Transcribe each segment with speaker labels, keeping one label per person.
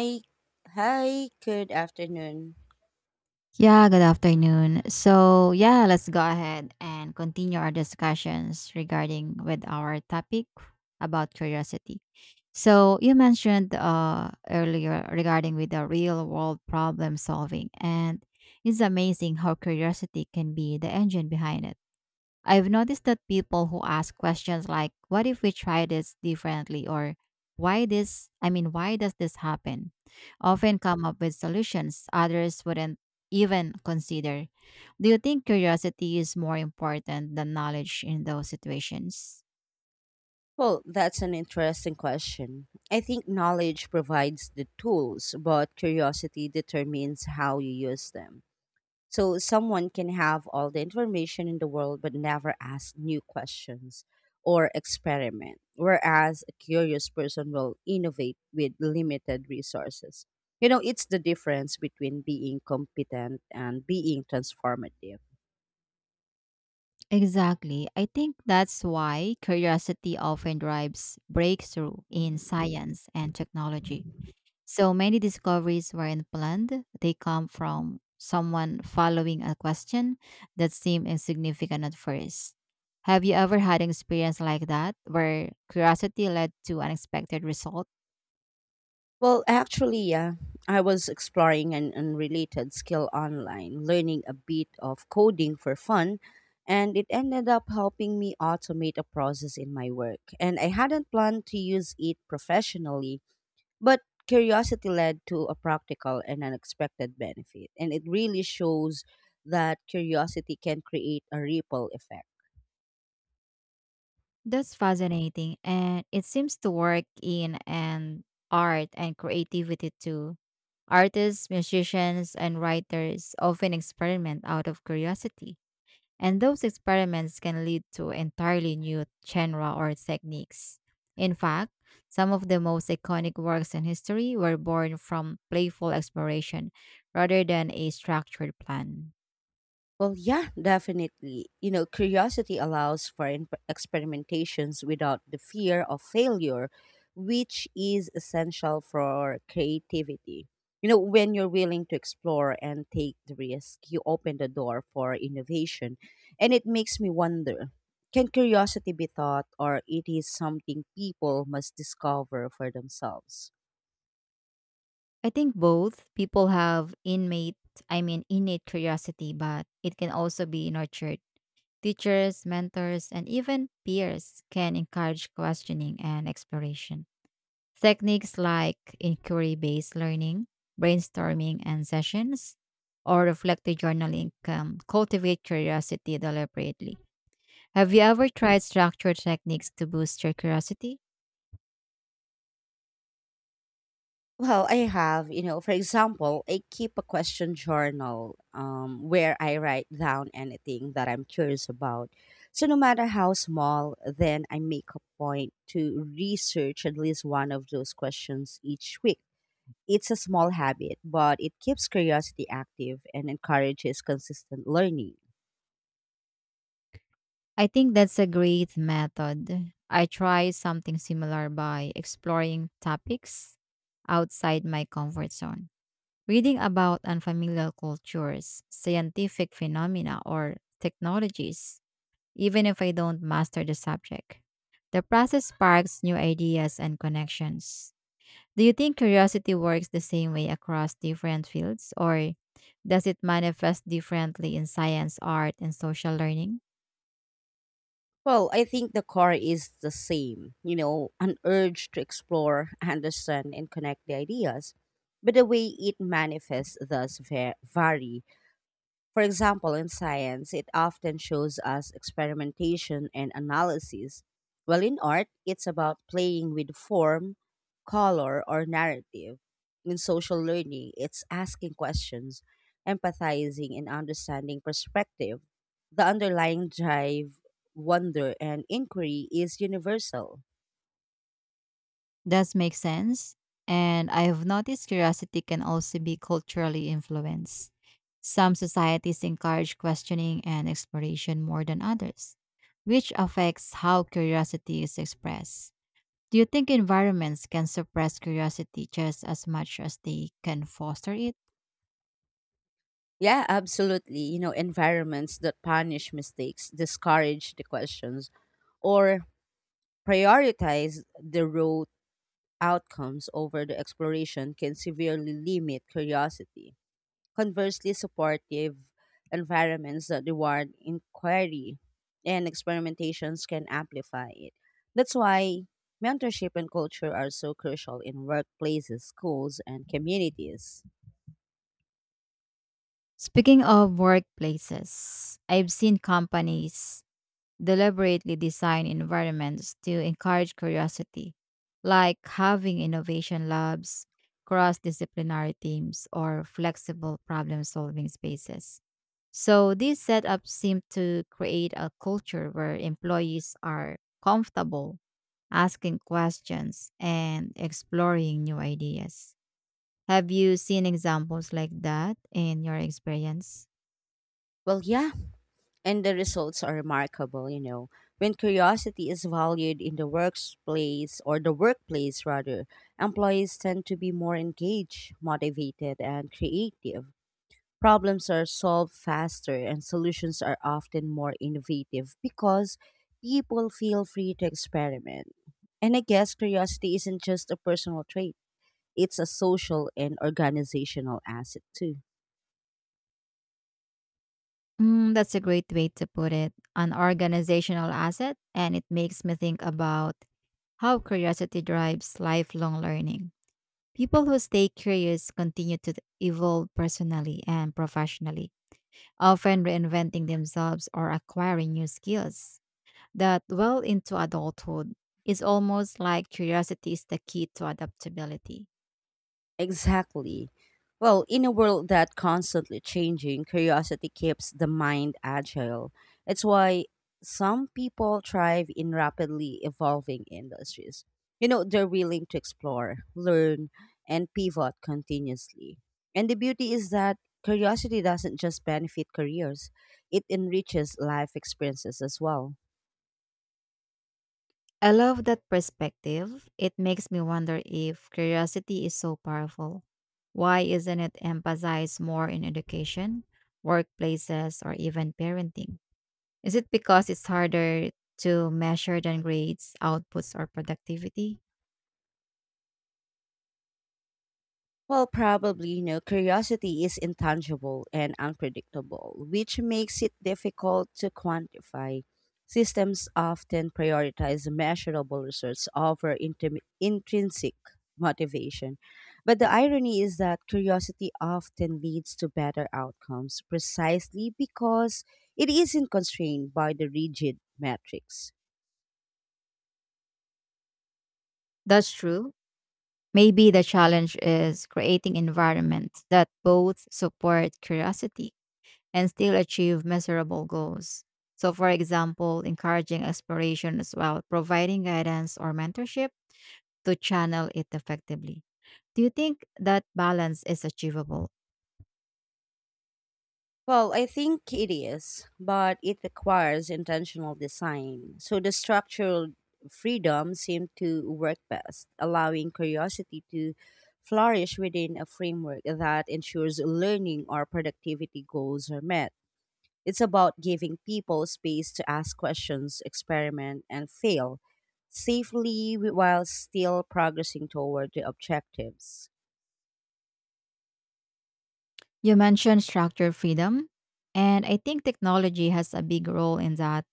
Speaker 1: Hi, hi, good afternoon.
Speaker 2: Yeah, good afternoon. So, yeah, let's go ahead and continue our discussions regarding with our topic about curiosity. So, you mentioned earlier regarding with the real world problem solving, and it's amazing how curiosity can be the engine behind it. I've noticed that people who ask questions like, what if we try this differently? Or why this, I mean, why does this happen? Often come up with solutions others wouldn't even consider. Do you think curiosity is more important than knowledge in those situations?
Speaker 1: Well, that's an interesting question. I think knowledge provides the tools, but curiosity determines how you use them. So, someone can have all the information in the world but never ask new questions or experiment, whereas a curious person will innovate with limited resources. You know, it's the difference between being competent and being transformative.
Speaker 2: Exactly. I think that's why curiosity often drives breakthrough in science and technology. So many discoveries weren't planned. They come from someone following a question that seemed insignificant at first. Have you ever had an experience like that where curiosity led to unexpected result?
Speaker 1: Well, actually, yeah, I was exploring an unrelated skill online, learning a bit of coding for fun, and it ended up helping me automate a process in my work. And I hadn't planned to use it professionally, but curiosity led to a practical and unexpected benefit. And it really shows that curiosity can create a ripple effect.
Speaker 2: That's fascinating and it seems to work in and art and creativity too. Artists, musicians and writers often experiment out of curiosity. And those experiments can lead to entirely new genera or techniques. In fact, some of the most iconic works in history were born from playful exploration rather than a structured plan.
Speaker 1: Well, yeah, definitely. You know, curiosity allows for experimentations without the fear of failure, which is essential for creativity. You know, when you're willing to explore and take the risk, you open the door for innovation. And it makes me wonder, can curiosity be taught, or it is something people must discover for themselves?
Speaker 2: I think both people have innate, I mean innate curiosity, but it can also be nurtured. Teachers, mentors, and even peers can encourage questioning and exploration. Techniques like inquiry based learning, brainstorming, and sessions, or reflective journaling can cultivate curiosity deliberately. Have you ever tried structured techniques to boost your curiosity?
Speaker 1: Well, I have, you know, for example, I keep a question journal, where I write down anything that I'm curious about. So, no matter how small, then I make a point to research at least one of those questions each week. It's a small habit, but it keeps curiosity active and encourages consistent learning.
Speaker 2: I think that's a great method. I try something similar by exploring topics outside my comfort zone. Reading about unfamiliar cultures, scientific phenomena, or technologies even if I don't master the subject. The process sparks new ideas and connections. Do you think curiosity works the same way across different fields, or does it manifest differently in science, art, and social learning?
Speaker 1: Well, I think the core is the same, you know, an urge to explore, understand, and connect the ideas. But the way it manifests thus vary. For example, in science, it often shows us experimentation and analysis, while in art, it's about playing with form, color, or narrative. In social learning, it's asking questions, empathizing, and understanding perspective. The underlying drive, wonder, and inquiry is universal.
Speaker 2: Does make sense. And I have noticed curiosity can also be culturally influenced. Some societies encourage questioning and exploration more than others, which affects how curiosity is expressed. Do you think environments can suppress curiosity just as much as they can foster it?
Speaker 1: Yeah, absolutely. You know, environments that punish mistakes, discourage the questions, or prioritize the rote outcomes over the exploration can severely limit curiosity. Conversely, supportive environments that reward inquiry and experimentations can amplify it. That's why mentorship and culture are so crucial in workplaces, schools, and communities.
Speaker 2: Speaking of workplaces, I've seen companies deliberately design environments to encourage curiosity, like having innovation labs, cross disciplinary teams, or flexible problem solving spaces. So, these setups seem to create a culture where employees are comfortable asking questions, and exploring new ideas. Have you seen examples like that in your experience?
Speaker 1: Well, yeah, and the results are remarkable. You know, when curiosity is valued in the workplace, or the workplace rather, employees tend to be more engaged, motivated, and creative. Problems are solved faster and solutions are often more innovative because people feel free to experiment. And I guess curiosity isn't just a personal trait, it's a social and organizational asset too.
Speaker 2: Mm, that's a great way to put it. An organizational asset, and it makes me think about how curiosity drives lifelong learning. People who stay curious continue to evolve personally and professionally, often reinventing themselves or acquiring new skills. That well into adulthood. It's almost like curiosity is the key to adaptability.
Speaker 1: Exactly. Well, in a world that constantly changing, curiosity keeps the mind agile. It's why some people thrive in rapidly evolving industries. You know, they're willing to explore, learn, and pivot continuously. And the beauty is that curiosity doesn't just benefit careers, it enriches life experiences as well.
Speaker 2: I love that perspective. It makes me wonder if curiosity is so powerful. Why isn't it emphasized more in education, workplaces, or even parenting? Is it because it's harder to measure than grades, outputs, or productivity?
Speaker 1: Well, probably, you know, curiosity is intangible and unpredictable, which makes it difficult to quantify. Systems often prioritize measurable results over intrinsic motivation. But the irony is that curiosity often leads to better outcomes precisely because it isn't constrained by the rigid metrics.
Speaker 2: That's true. Maybe the challenge is creating environments that both support curiosity and still achieve measurable goals. So, for example, encouraging exploration as well, providing guidance or mentorship to channel it effectively. Do you think that balance is achievable?
Speaker 1: Well, I think it is, but it requires intentional design. So the structural freedom seemed to work best, allowing curiosity to flourish within a framework that ensures learning or productivity goals are met. It's about giving people space to ask questions, experiment, and fail safely while still progressing toward the objectives.
Speaker 2: You mentioned structure freedom, and I think technology has a big role in that.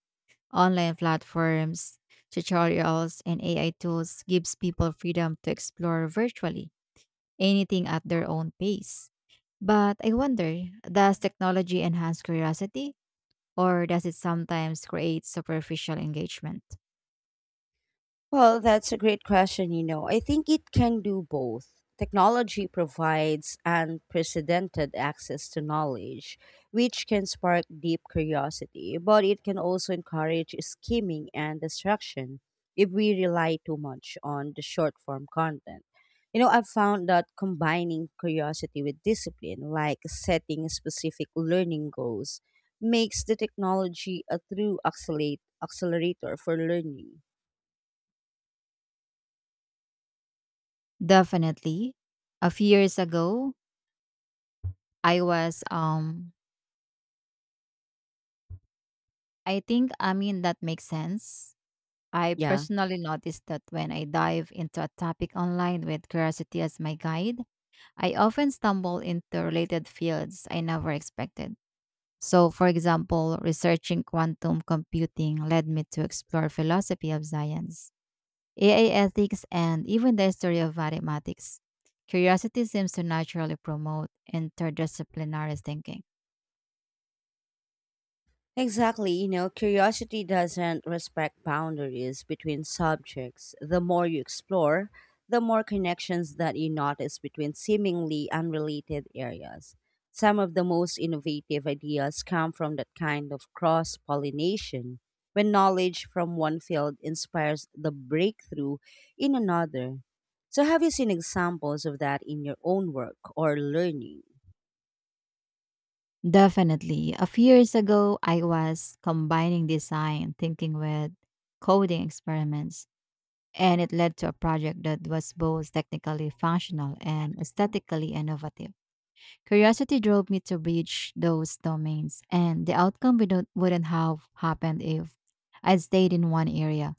Speaker 2: Online platforms, tutorials, and AI tools gives people freedom to explore virtually anything at their own pace. But I wonder, does technology enhance curiosity or does it sometimes create superficial engagement?
Speaker 1: Well, that's a great question. You know, I think it can do both. Technology provides unprecedented access to knowledge, which can spark deep curiosity, but it can also encourage skimming and distraction if we rely too much on the short form content. You know, I've found that combining curiosity with discipline, like setting specific learning goals, makes the technology a true accelerator for learning.
Speaker 2: Definitely. A few years ago, I was um I mean that makes sense. I
Speaker 1: Yeah.
Speaker 2: personally noticed that when I dive into a topic online with curiosity as my guide, I often stumble into related fields I never expected. So, for example, researching quantum computing led me to explore philosophy of science, AI ethics, and even the history of mathematics. Curiosity seems to naturally promote interdisciplinary thinking.
Speaker 1: Exactly, you know, curiosity doesn't respect boundaries between subjects. The more you explore, the more connections that you notice between seemingly unrelated areas. Some of the most innovative ideas come from that kind of cross pollination, when knowledge from one field inspires the breakthrough in another. So, have you seen examples of that in your own work or learning?
Speaker 2: Definitely. A few years ago, I was combining design thinking with coding experiments, and it led to a project that was both technically functional and aesthetically innovative. Curiosity drove me to reach those domains, and the outcome wouldn't have happened if I'd stayed in one area.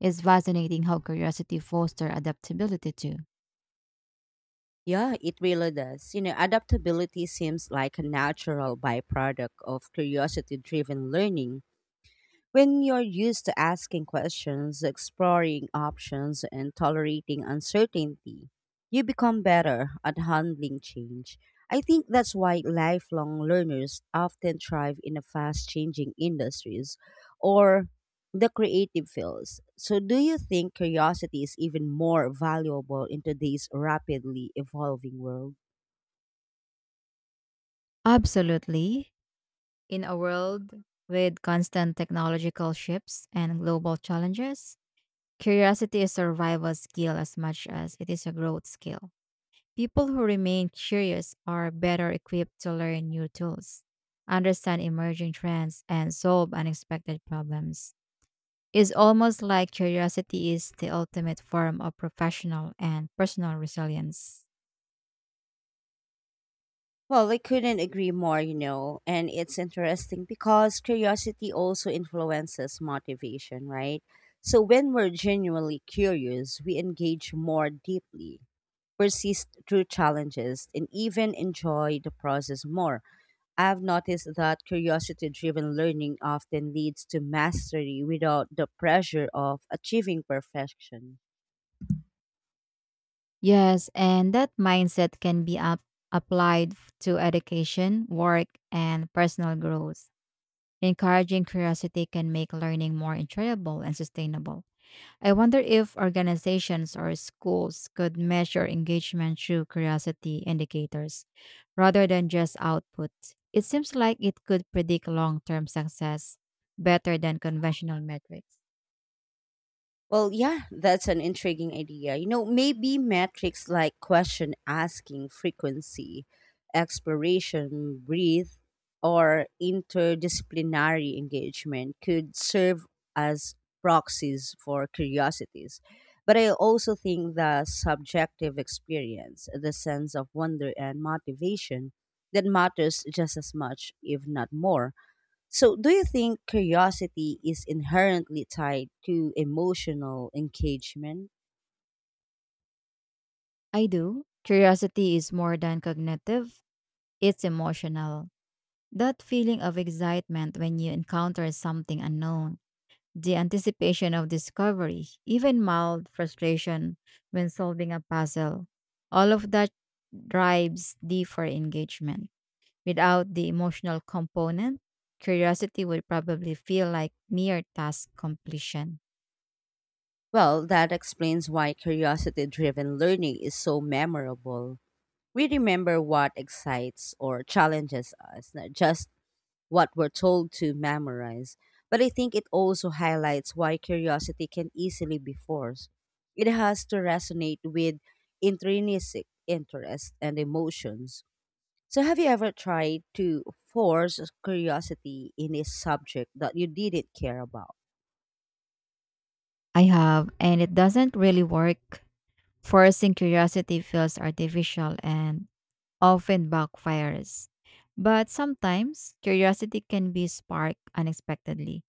Speaker 2: It's fascinating how curiosity fosters adaptability too.
Speaker 1: Yeah, it really does. You know, adaptability seems like a natural byproduct of curiosity driven learning. When you're used to asking questions, exploring options, and tolerating uncertainty, you become better at handling change. I think that's why lifelong learners often thrive in the fast changing industries or the creative fields. So, do you think curiosity is even more valuable in today's rapidly evolving world?
Speaker 2: Absolutely. In a world with constant technological shifts and global challenges, curiosity is a survival skill as much as it is a growth skill. People who remain curious are better equipped to learn new tools, understand emerging trends, and solve unexpected problems. It's almost like curiosity is the ultimate form of professional and personal resilience.
Speaker 1: Well, I couldn't agree more, you know, and it's interesting because curiosity also influences motivation, right? So when we're genuinely curious, we engage more deeply, persist through challenges, and even enjoy the process more. I've noticed that curiosity driven learning often leads to mastery without the pressure of achieving perfection.
Speaker 2: Yes, and that mindset can be applied to education, work, and personal growth. Encouraging curiosity can make learning more enjoyable and sustainable. I wonder if organizations or schools could measure engagement through curiosity indicators rather than just output. It seems like it could predict long term success better than conventional metrics.
Speaker 1: Well, yeah, that's an intriguing idea. You know, maybe metrics like question asking frequency, exploration, breathe, or interdisciplinary engagement could serve as proxies for curiosities. But I also think the subjective experience, the sense of wonder and motivation, that matters just as much, if not more. So, do you think curiosity is inherently tied to emotional engagement?
Speaker 2: I do. Curiosity is more than cognitive, it's emotional. That feeling of excitement when you encounter something unknown. The anticipation of discovery, even mild frustration when solving a puzzle, all of that drives deeper engagement. Without the emotional component, curiosity would probably feel like mere task completion.
Speaker 1: Well, that explains why curiosity driven learning is so memorable. We remember what excites or challenges us, not just what we're told to memorize. But I think it also highlights why curiosity can easily be forced. It has to resonate with intrinsic interest and emotions. So, have you ever tried to force curiosity in a subject that you didn't care about?
Speaker 2: I have, and it doesn't really work. Forcing curiosity feels artificial and often backfires. But sometimes curiosity can be sparked unexpectedly.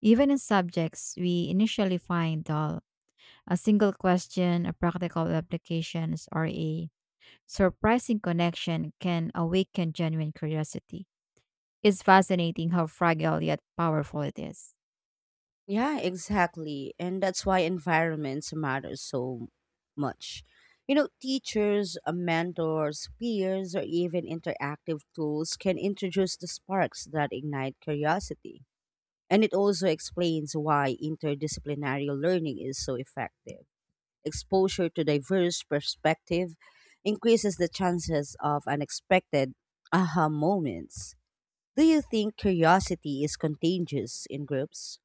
Speaker 2: Even in subjects we initially find dull, a single question, a practical applications, or a surprising connection can awaken genuine curiosity. It's fascinating how fragile yet powerful it is.
Speaker 1: Yeah, exactly. And that's why environments matter so much. You know, teachers, mentors, peers, or even interactive tools can introduce the sparks that ignite curiosity. And it also explains why interdisciplinary learning is so effective. Exposure to diverse perspective increases the chances of unexpected aha moments. Do you think curiosity is contagious in groups?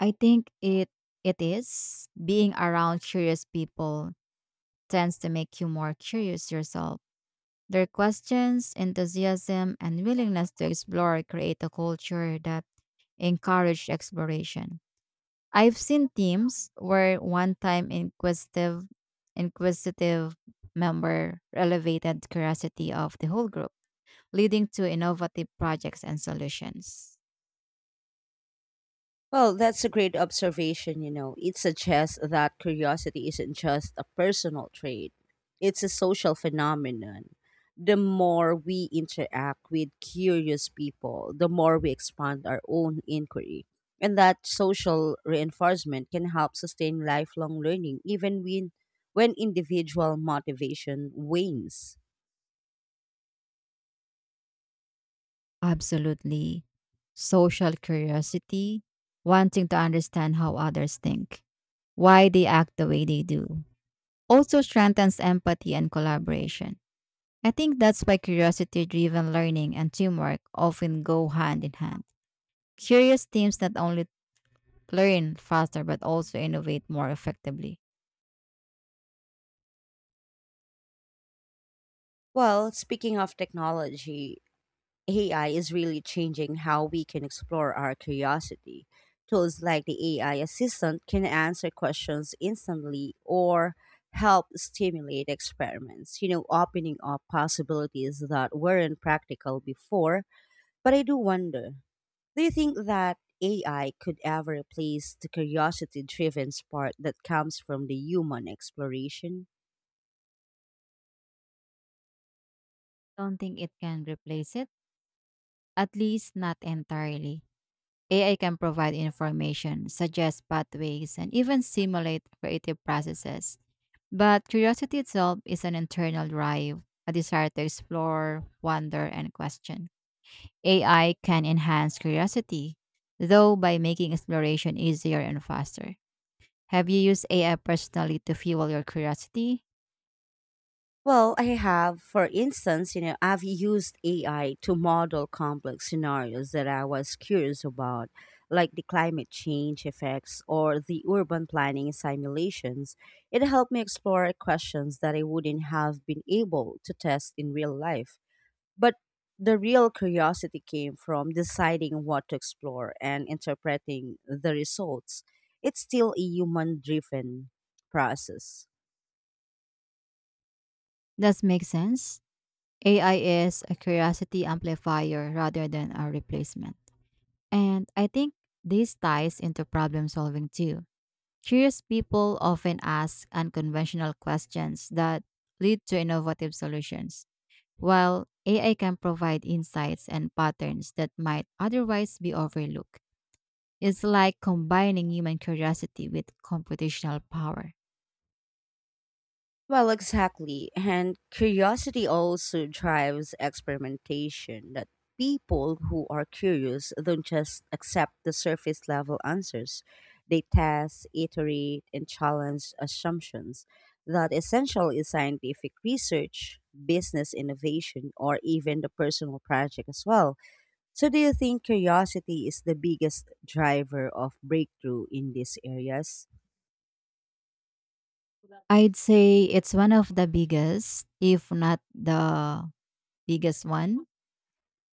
Speaker 2: I think it is being around curious people tends to make you more curious yourself. Their questions, enthusiasm, and willingness to explore create a culture that encourage exploration. I've seen teams where one time inquisitive member elevated curiosity of the whole group, leading to innovative projects and solutions.
Speaker 1: Well, that's a great observation, you know. It suggests that curiosity isn't just a personal trait, it's a social phenomenon. The more we interact with curious people, the more we expand our own inquiry. And that social reinforcement can help sustain lifelong learning even when individual motivation wanes.
Speaker 2: Absolutely. Social curiosity, wanting to understand how others think, why they act the way they do, also strengthens empathy and collaboration. I think that's why curiosity driven learning and teamwork often go hand in hand. Curious teams not only learn faster but also innovate more effectively.
Speaker 1: Well, speaking of technology, AI is really changing how we can explore our curiosity. Tools like the AI assistant can answer questions instantly or help stimulate experiments, you know, opening up possibilities that weren't practical before. But I do wonder, do you think that AI could ever replace the curiosity driven spark that comes from the human exploration?
Speaker 2: Don't think it can replace it, at least not entirely. AI can provide information, suggest pathways, and even simulate creative processes. But curiosity itself is an internal drive, a desire to explore, wonder, and question. AI can enhance curiosity, though by making exploration easier and faster. Have you used AI personally to fuel your curiosity?
Speaker 1: Well, I have, for instance, you know, I've used AI to model complex scenarios that I was curious about, like the climate change effects or the urban planning simulations. It helped me explore questions that I wouldn't have been able to test in real life. But the real curiosity came from deciding what to explore and interpreting the results. It's still a human driven process.
Speaker 2: Does make sense? AI is a curiosity amplifier rather than a replacement. And I think this ties into problem solving too. Curious people often ask unconventional questions that lead to innovative solutions, while AI can provide insights and patterns that might otherwise be overlooked. It's like combining human curiosity with computational power.
Speaker 1: Well, exactly. And curiosity also drives experimentation, that people who are curious don't just accept the surface level answers. They test, iterate, and challenge assumptions. That essential is scientific research, business innovation, or even the personal project as well. So do you think curiosity is the biggest driver of breakthrough in these areas?
Speaker 2: I'd say it's one of the biggest, if not the biggest one.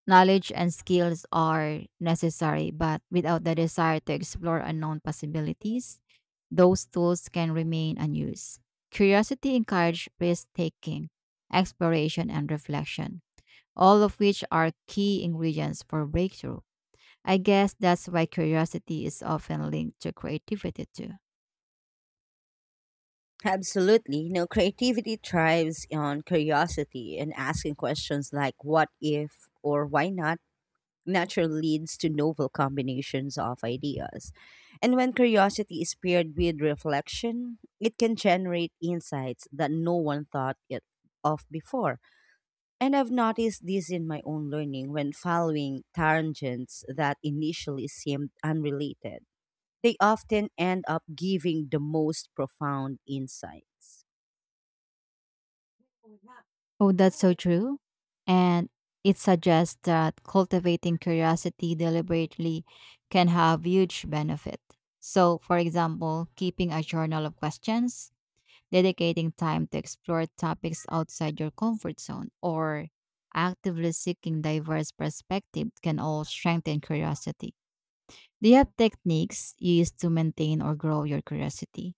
Speaker 2: Knowledge and skills are necessary, but without the desire to explore unknown possibilities, those tools can remain unused. Curiosity encourages risk taking, exploration, and reflection, all of which are key ingredients for breakthrough. I guess that's why curiosity is often linked to creativity too.
Speaker 1: Absolutely. No, creativity thrives on curiosity, and asking questions like what if or why not naturally leads to novel combinations of ideas. And when curiosity is paired with reflection, it can generate insights that no one thought it of before. And I've noticed this in my own learning when following tangents that initially seemed unrelated. They often end up giving the most profound insights.
Speaker 2: Oh, that's so true. And it suggests that cultivating curiosity deliberately can have huge benefit. So, for example, keeping a journal of questions, dedicating time to explore topics outside your comfort zone, or actively seeking diverse perspectives can all strengthen curiosity. Do you have techniques you use to maintain or grow your curiosity?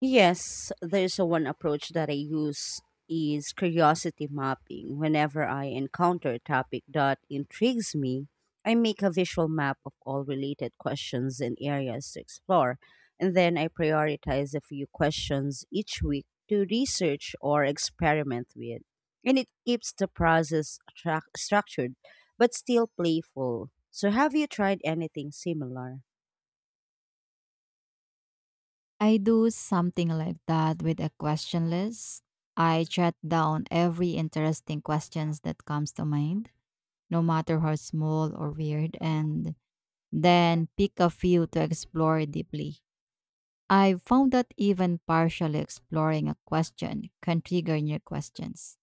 Speaker 1: Yes, there's a one approach that I use is curiosity mapping. Whenever I encounter a topic that intrigues me, I make a visual map of all related questions and areas to explore, and then I prioritize a few questions each week to research or experiment with. And it keeps the process structured but still playful. So have you tried anything similar?
Speaker 2: I do something like that with a question list. I jot down every interesting questions that comes to mind, no matter how small or weird, and then pick a few to explore deeply. I found that even partially exploring a question can trigger new questions,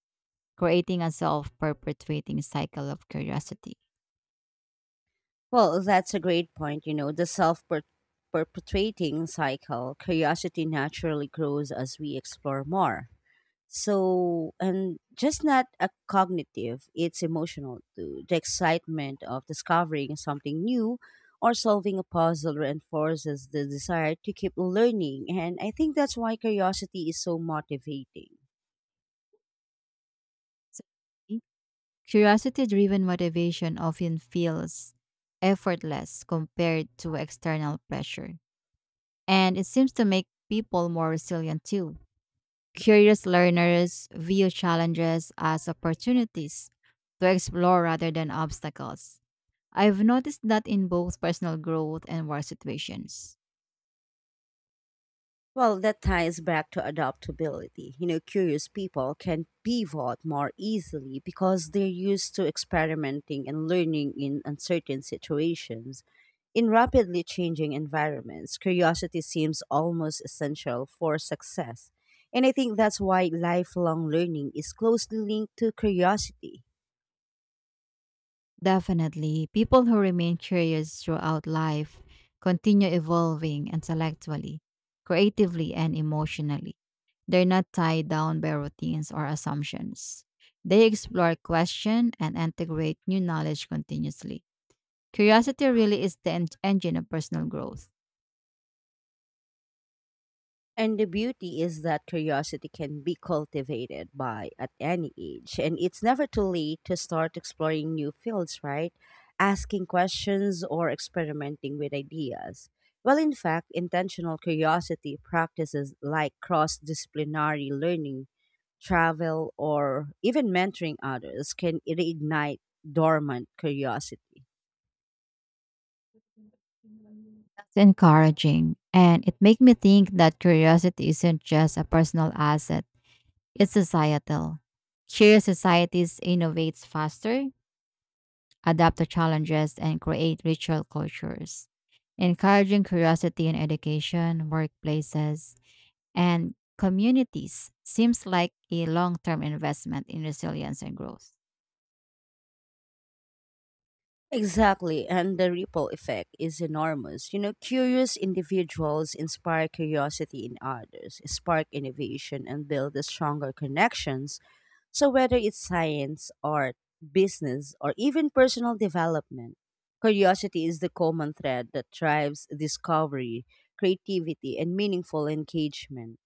Speaker 2: creating a self-perpetuating cycle of curiosity.
Speaker 1: Well, that's a great point. You know, the self perpetuating cycle, curiosity naturally grows as we explore more. So, and just not a cognitive, it's emotional too. The excitement of discovering something new or solving a puzzle reinforces the desire to keep learning. And I think that's why curiosity is so motivating.
Speaker 2: So, curiosity-driven motivation often feels effortless compared to external pressure, and it seems to make people more resilient too. Curious learners view challenges as opportunities to explore rather than obstacles. I've noticed that in both personal growth and work situations.
Speaker 1: Well, that ties back to adaptability. You know, curious people can pivot more easily because they're used to experimenting and learning in uncertain situations. In rapidly changing environments, curiosity seems almost essential for success. And I think that's why lifelong learning is closely linked to curiosity.
Speaker 2: Definitely. People who remain curious throughout life continue evolving intellectually, creatively, and emotionally. They're not tied down by routines or assumptions. They explore, question, and integrate new knowledge continuously. Curiosity really is the engine of personal growth.
Speaker 1: And the beauty is that curiosity can be cultivated by at any age, and it's never too late to start exploring new fields, right? Asking questions or experimenting with ideas. Well, in fact, intentional curiosity practices like cross disciplinary learning, travel, or even mentoring others can reignite dormant curiosity.
Speaker 2: That's encouraging. And it makes me think that curiosity isn't just a personal asset, it's societal. Curious societies innovates faster, adapt to challenges, and create ritual cultures. Encouraging curiosity in education, workplaces, and communities seems like a long term investment in resilience and growth.
Speaker 1: Exactly, and the ripple effect is enormous. You know, curious individuals inspire curiosity in others, spark innovation, and build the stronger connections. So, whether it's science, art, business, or even personal development, curiosity is the common thread that drives discovery, creativity, and meaningful engagement.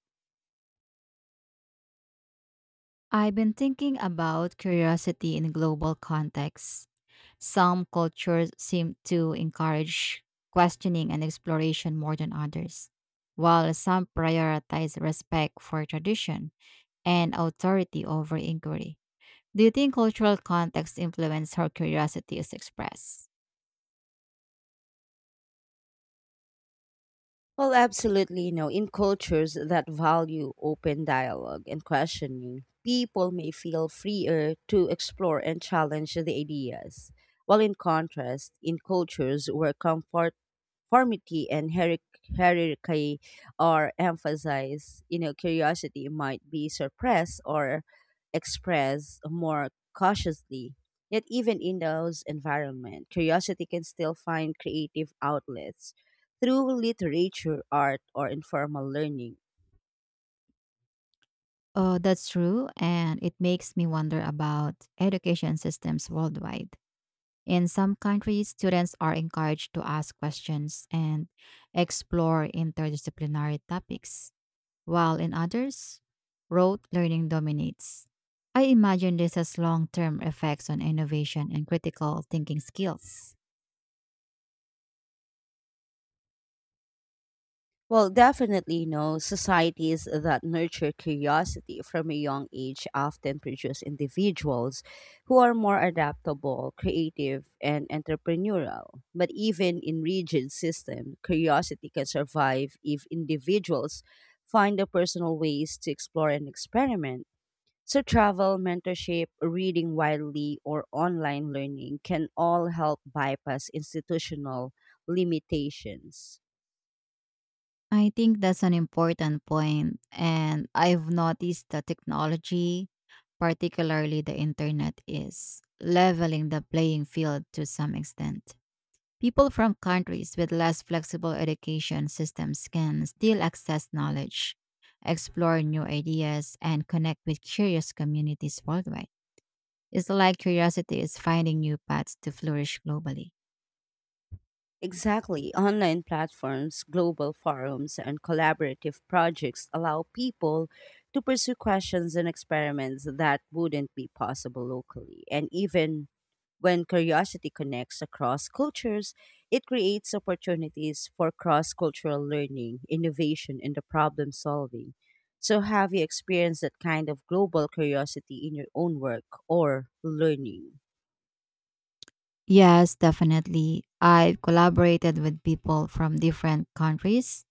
Speaker 2: I've been thinking about curiosity in global contexts. Some cultures seem to encourage questioning and exploration more than others, while some prioritize respect for tradition and authority over inquiry. Do you think cultural context influence how curiosity is expressed?
Speaker 1: Well, absolutely. No, in cultures that value open dialogue and questioning, people may feel freer to explore and challenge the ideas. While in contrast, in cultures where comfort, conformity, and hierarchy are emphasized, you know, curiosity might be suppressed or expressed more cautiously. Yet, even in those environments, curiosity can still find creative outlets through literature, art, or informal learning.
Speaker 2: Oh, that's true, and it makes me wonder about education systems worldwide. In some countries, students are encouraged to ask questions and explore interdisciplinary topics, while in others, rote learning dominates. I imagine this has long term effects on innovation and critical thinking skills.
Speaker 1: Well, definitely, no, societies that nurture curiosity from a young age often produce individuals who are more adaptable, creative, and entrepreneurial. But even in rigid systems, curiosity can survive if individuals find the personal ways to explore and experiment. So, travel, mentorship, reading widely, or online learning can all help bypass institutional limitations.
Speaker 2: I think that's an important point, and I've noticed that technology, particularly the internet, is leveling the playing field to some extent. People from countries with less flexible education systems can still access knowledge, explore new ideas, and connect with curious communities worldwide. It's like curiosity is finding new paths to flourish globally.
Speaker 1: Exactly. Online platforms, global forums, and collaborative projects allow people to pursue questions and experiments that wouldn't be possible locally. And even when curiosity connects across cultures, it creates opportunities for cross cultural learning, innovation, and the problem solving. So, have you experienced that kind of global curiosity in your own work or learning?
Speaker 2: Yes, definitely. I've collaborated with people from different countries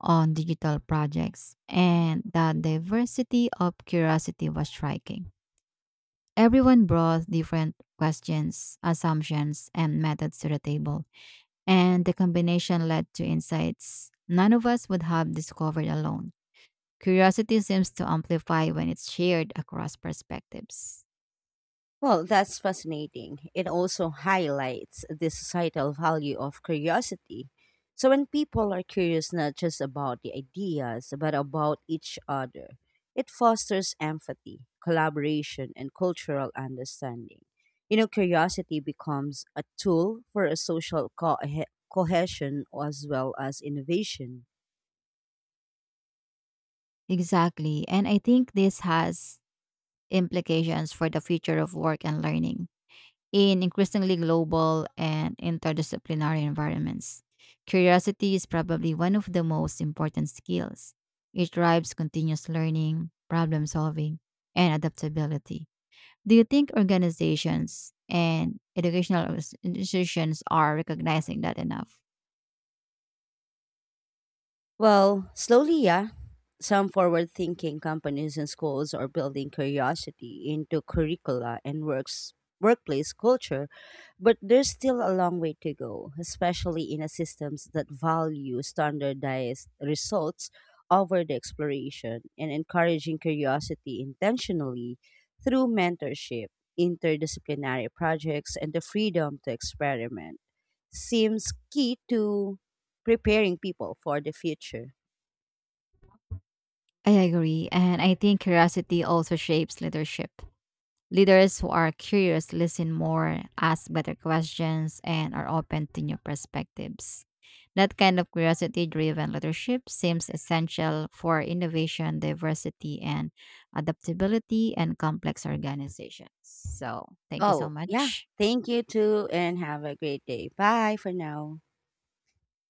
Speaker 2: on digital projects, and the diversity of curiosity was striking. Everyone brought different questions, assumptions, and methods to the table, and the combination led to insights none of us would have discovered alone. Curiosity seems to amplify when it's shared across perspectives.
Speaker 1: Well, that's fascinating. It also highlights the societal value of curiosity. So, when people are curious not just about the ideas, but about each other, it fosters empathy, collaboration, and cultural understanding. You know, curiosity becomes a tool for a social cohesion as well as innovation.
Speaker 2: Exactly, and I think this has implications for the future of work and learning in increasingly global and interdisciplinary environments. Curiosity is probably one of the most important skills. It drives continuous learning, problem solving, and adaptability. Do you think organizations and educational institutions are recognizing that enough?
Speaker 1: Well, slowly, yeah. Some forward thinking companies and schools are building curiosity into curricula and works workplace culture, but there's still a long way to go, especially in a systems that value standardized results over the exploration, and encouraging curiosity intentionally through mentorship, interdisciplinary projects, and the freedom to experiment seems key to preparing people for the future.
Speaker 2: I agree. And I think curiosity also shapes leadership. Leaders who are curious listen more, ask better questions, and are open to new perspectives. That kind of curiosity driven leadership seems essential for innovation, diversity, and adaptability and complex organizations. So, thank you so
Speaker 1: Oh, yeah.
Speaker 2: much.
Speaker 1: Thank you too, and have a great day. Bye for now.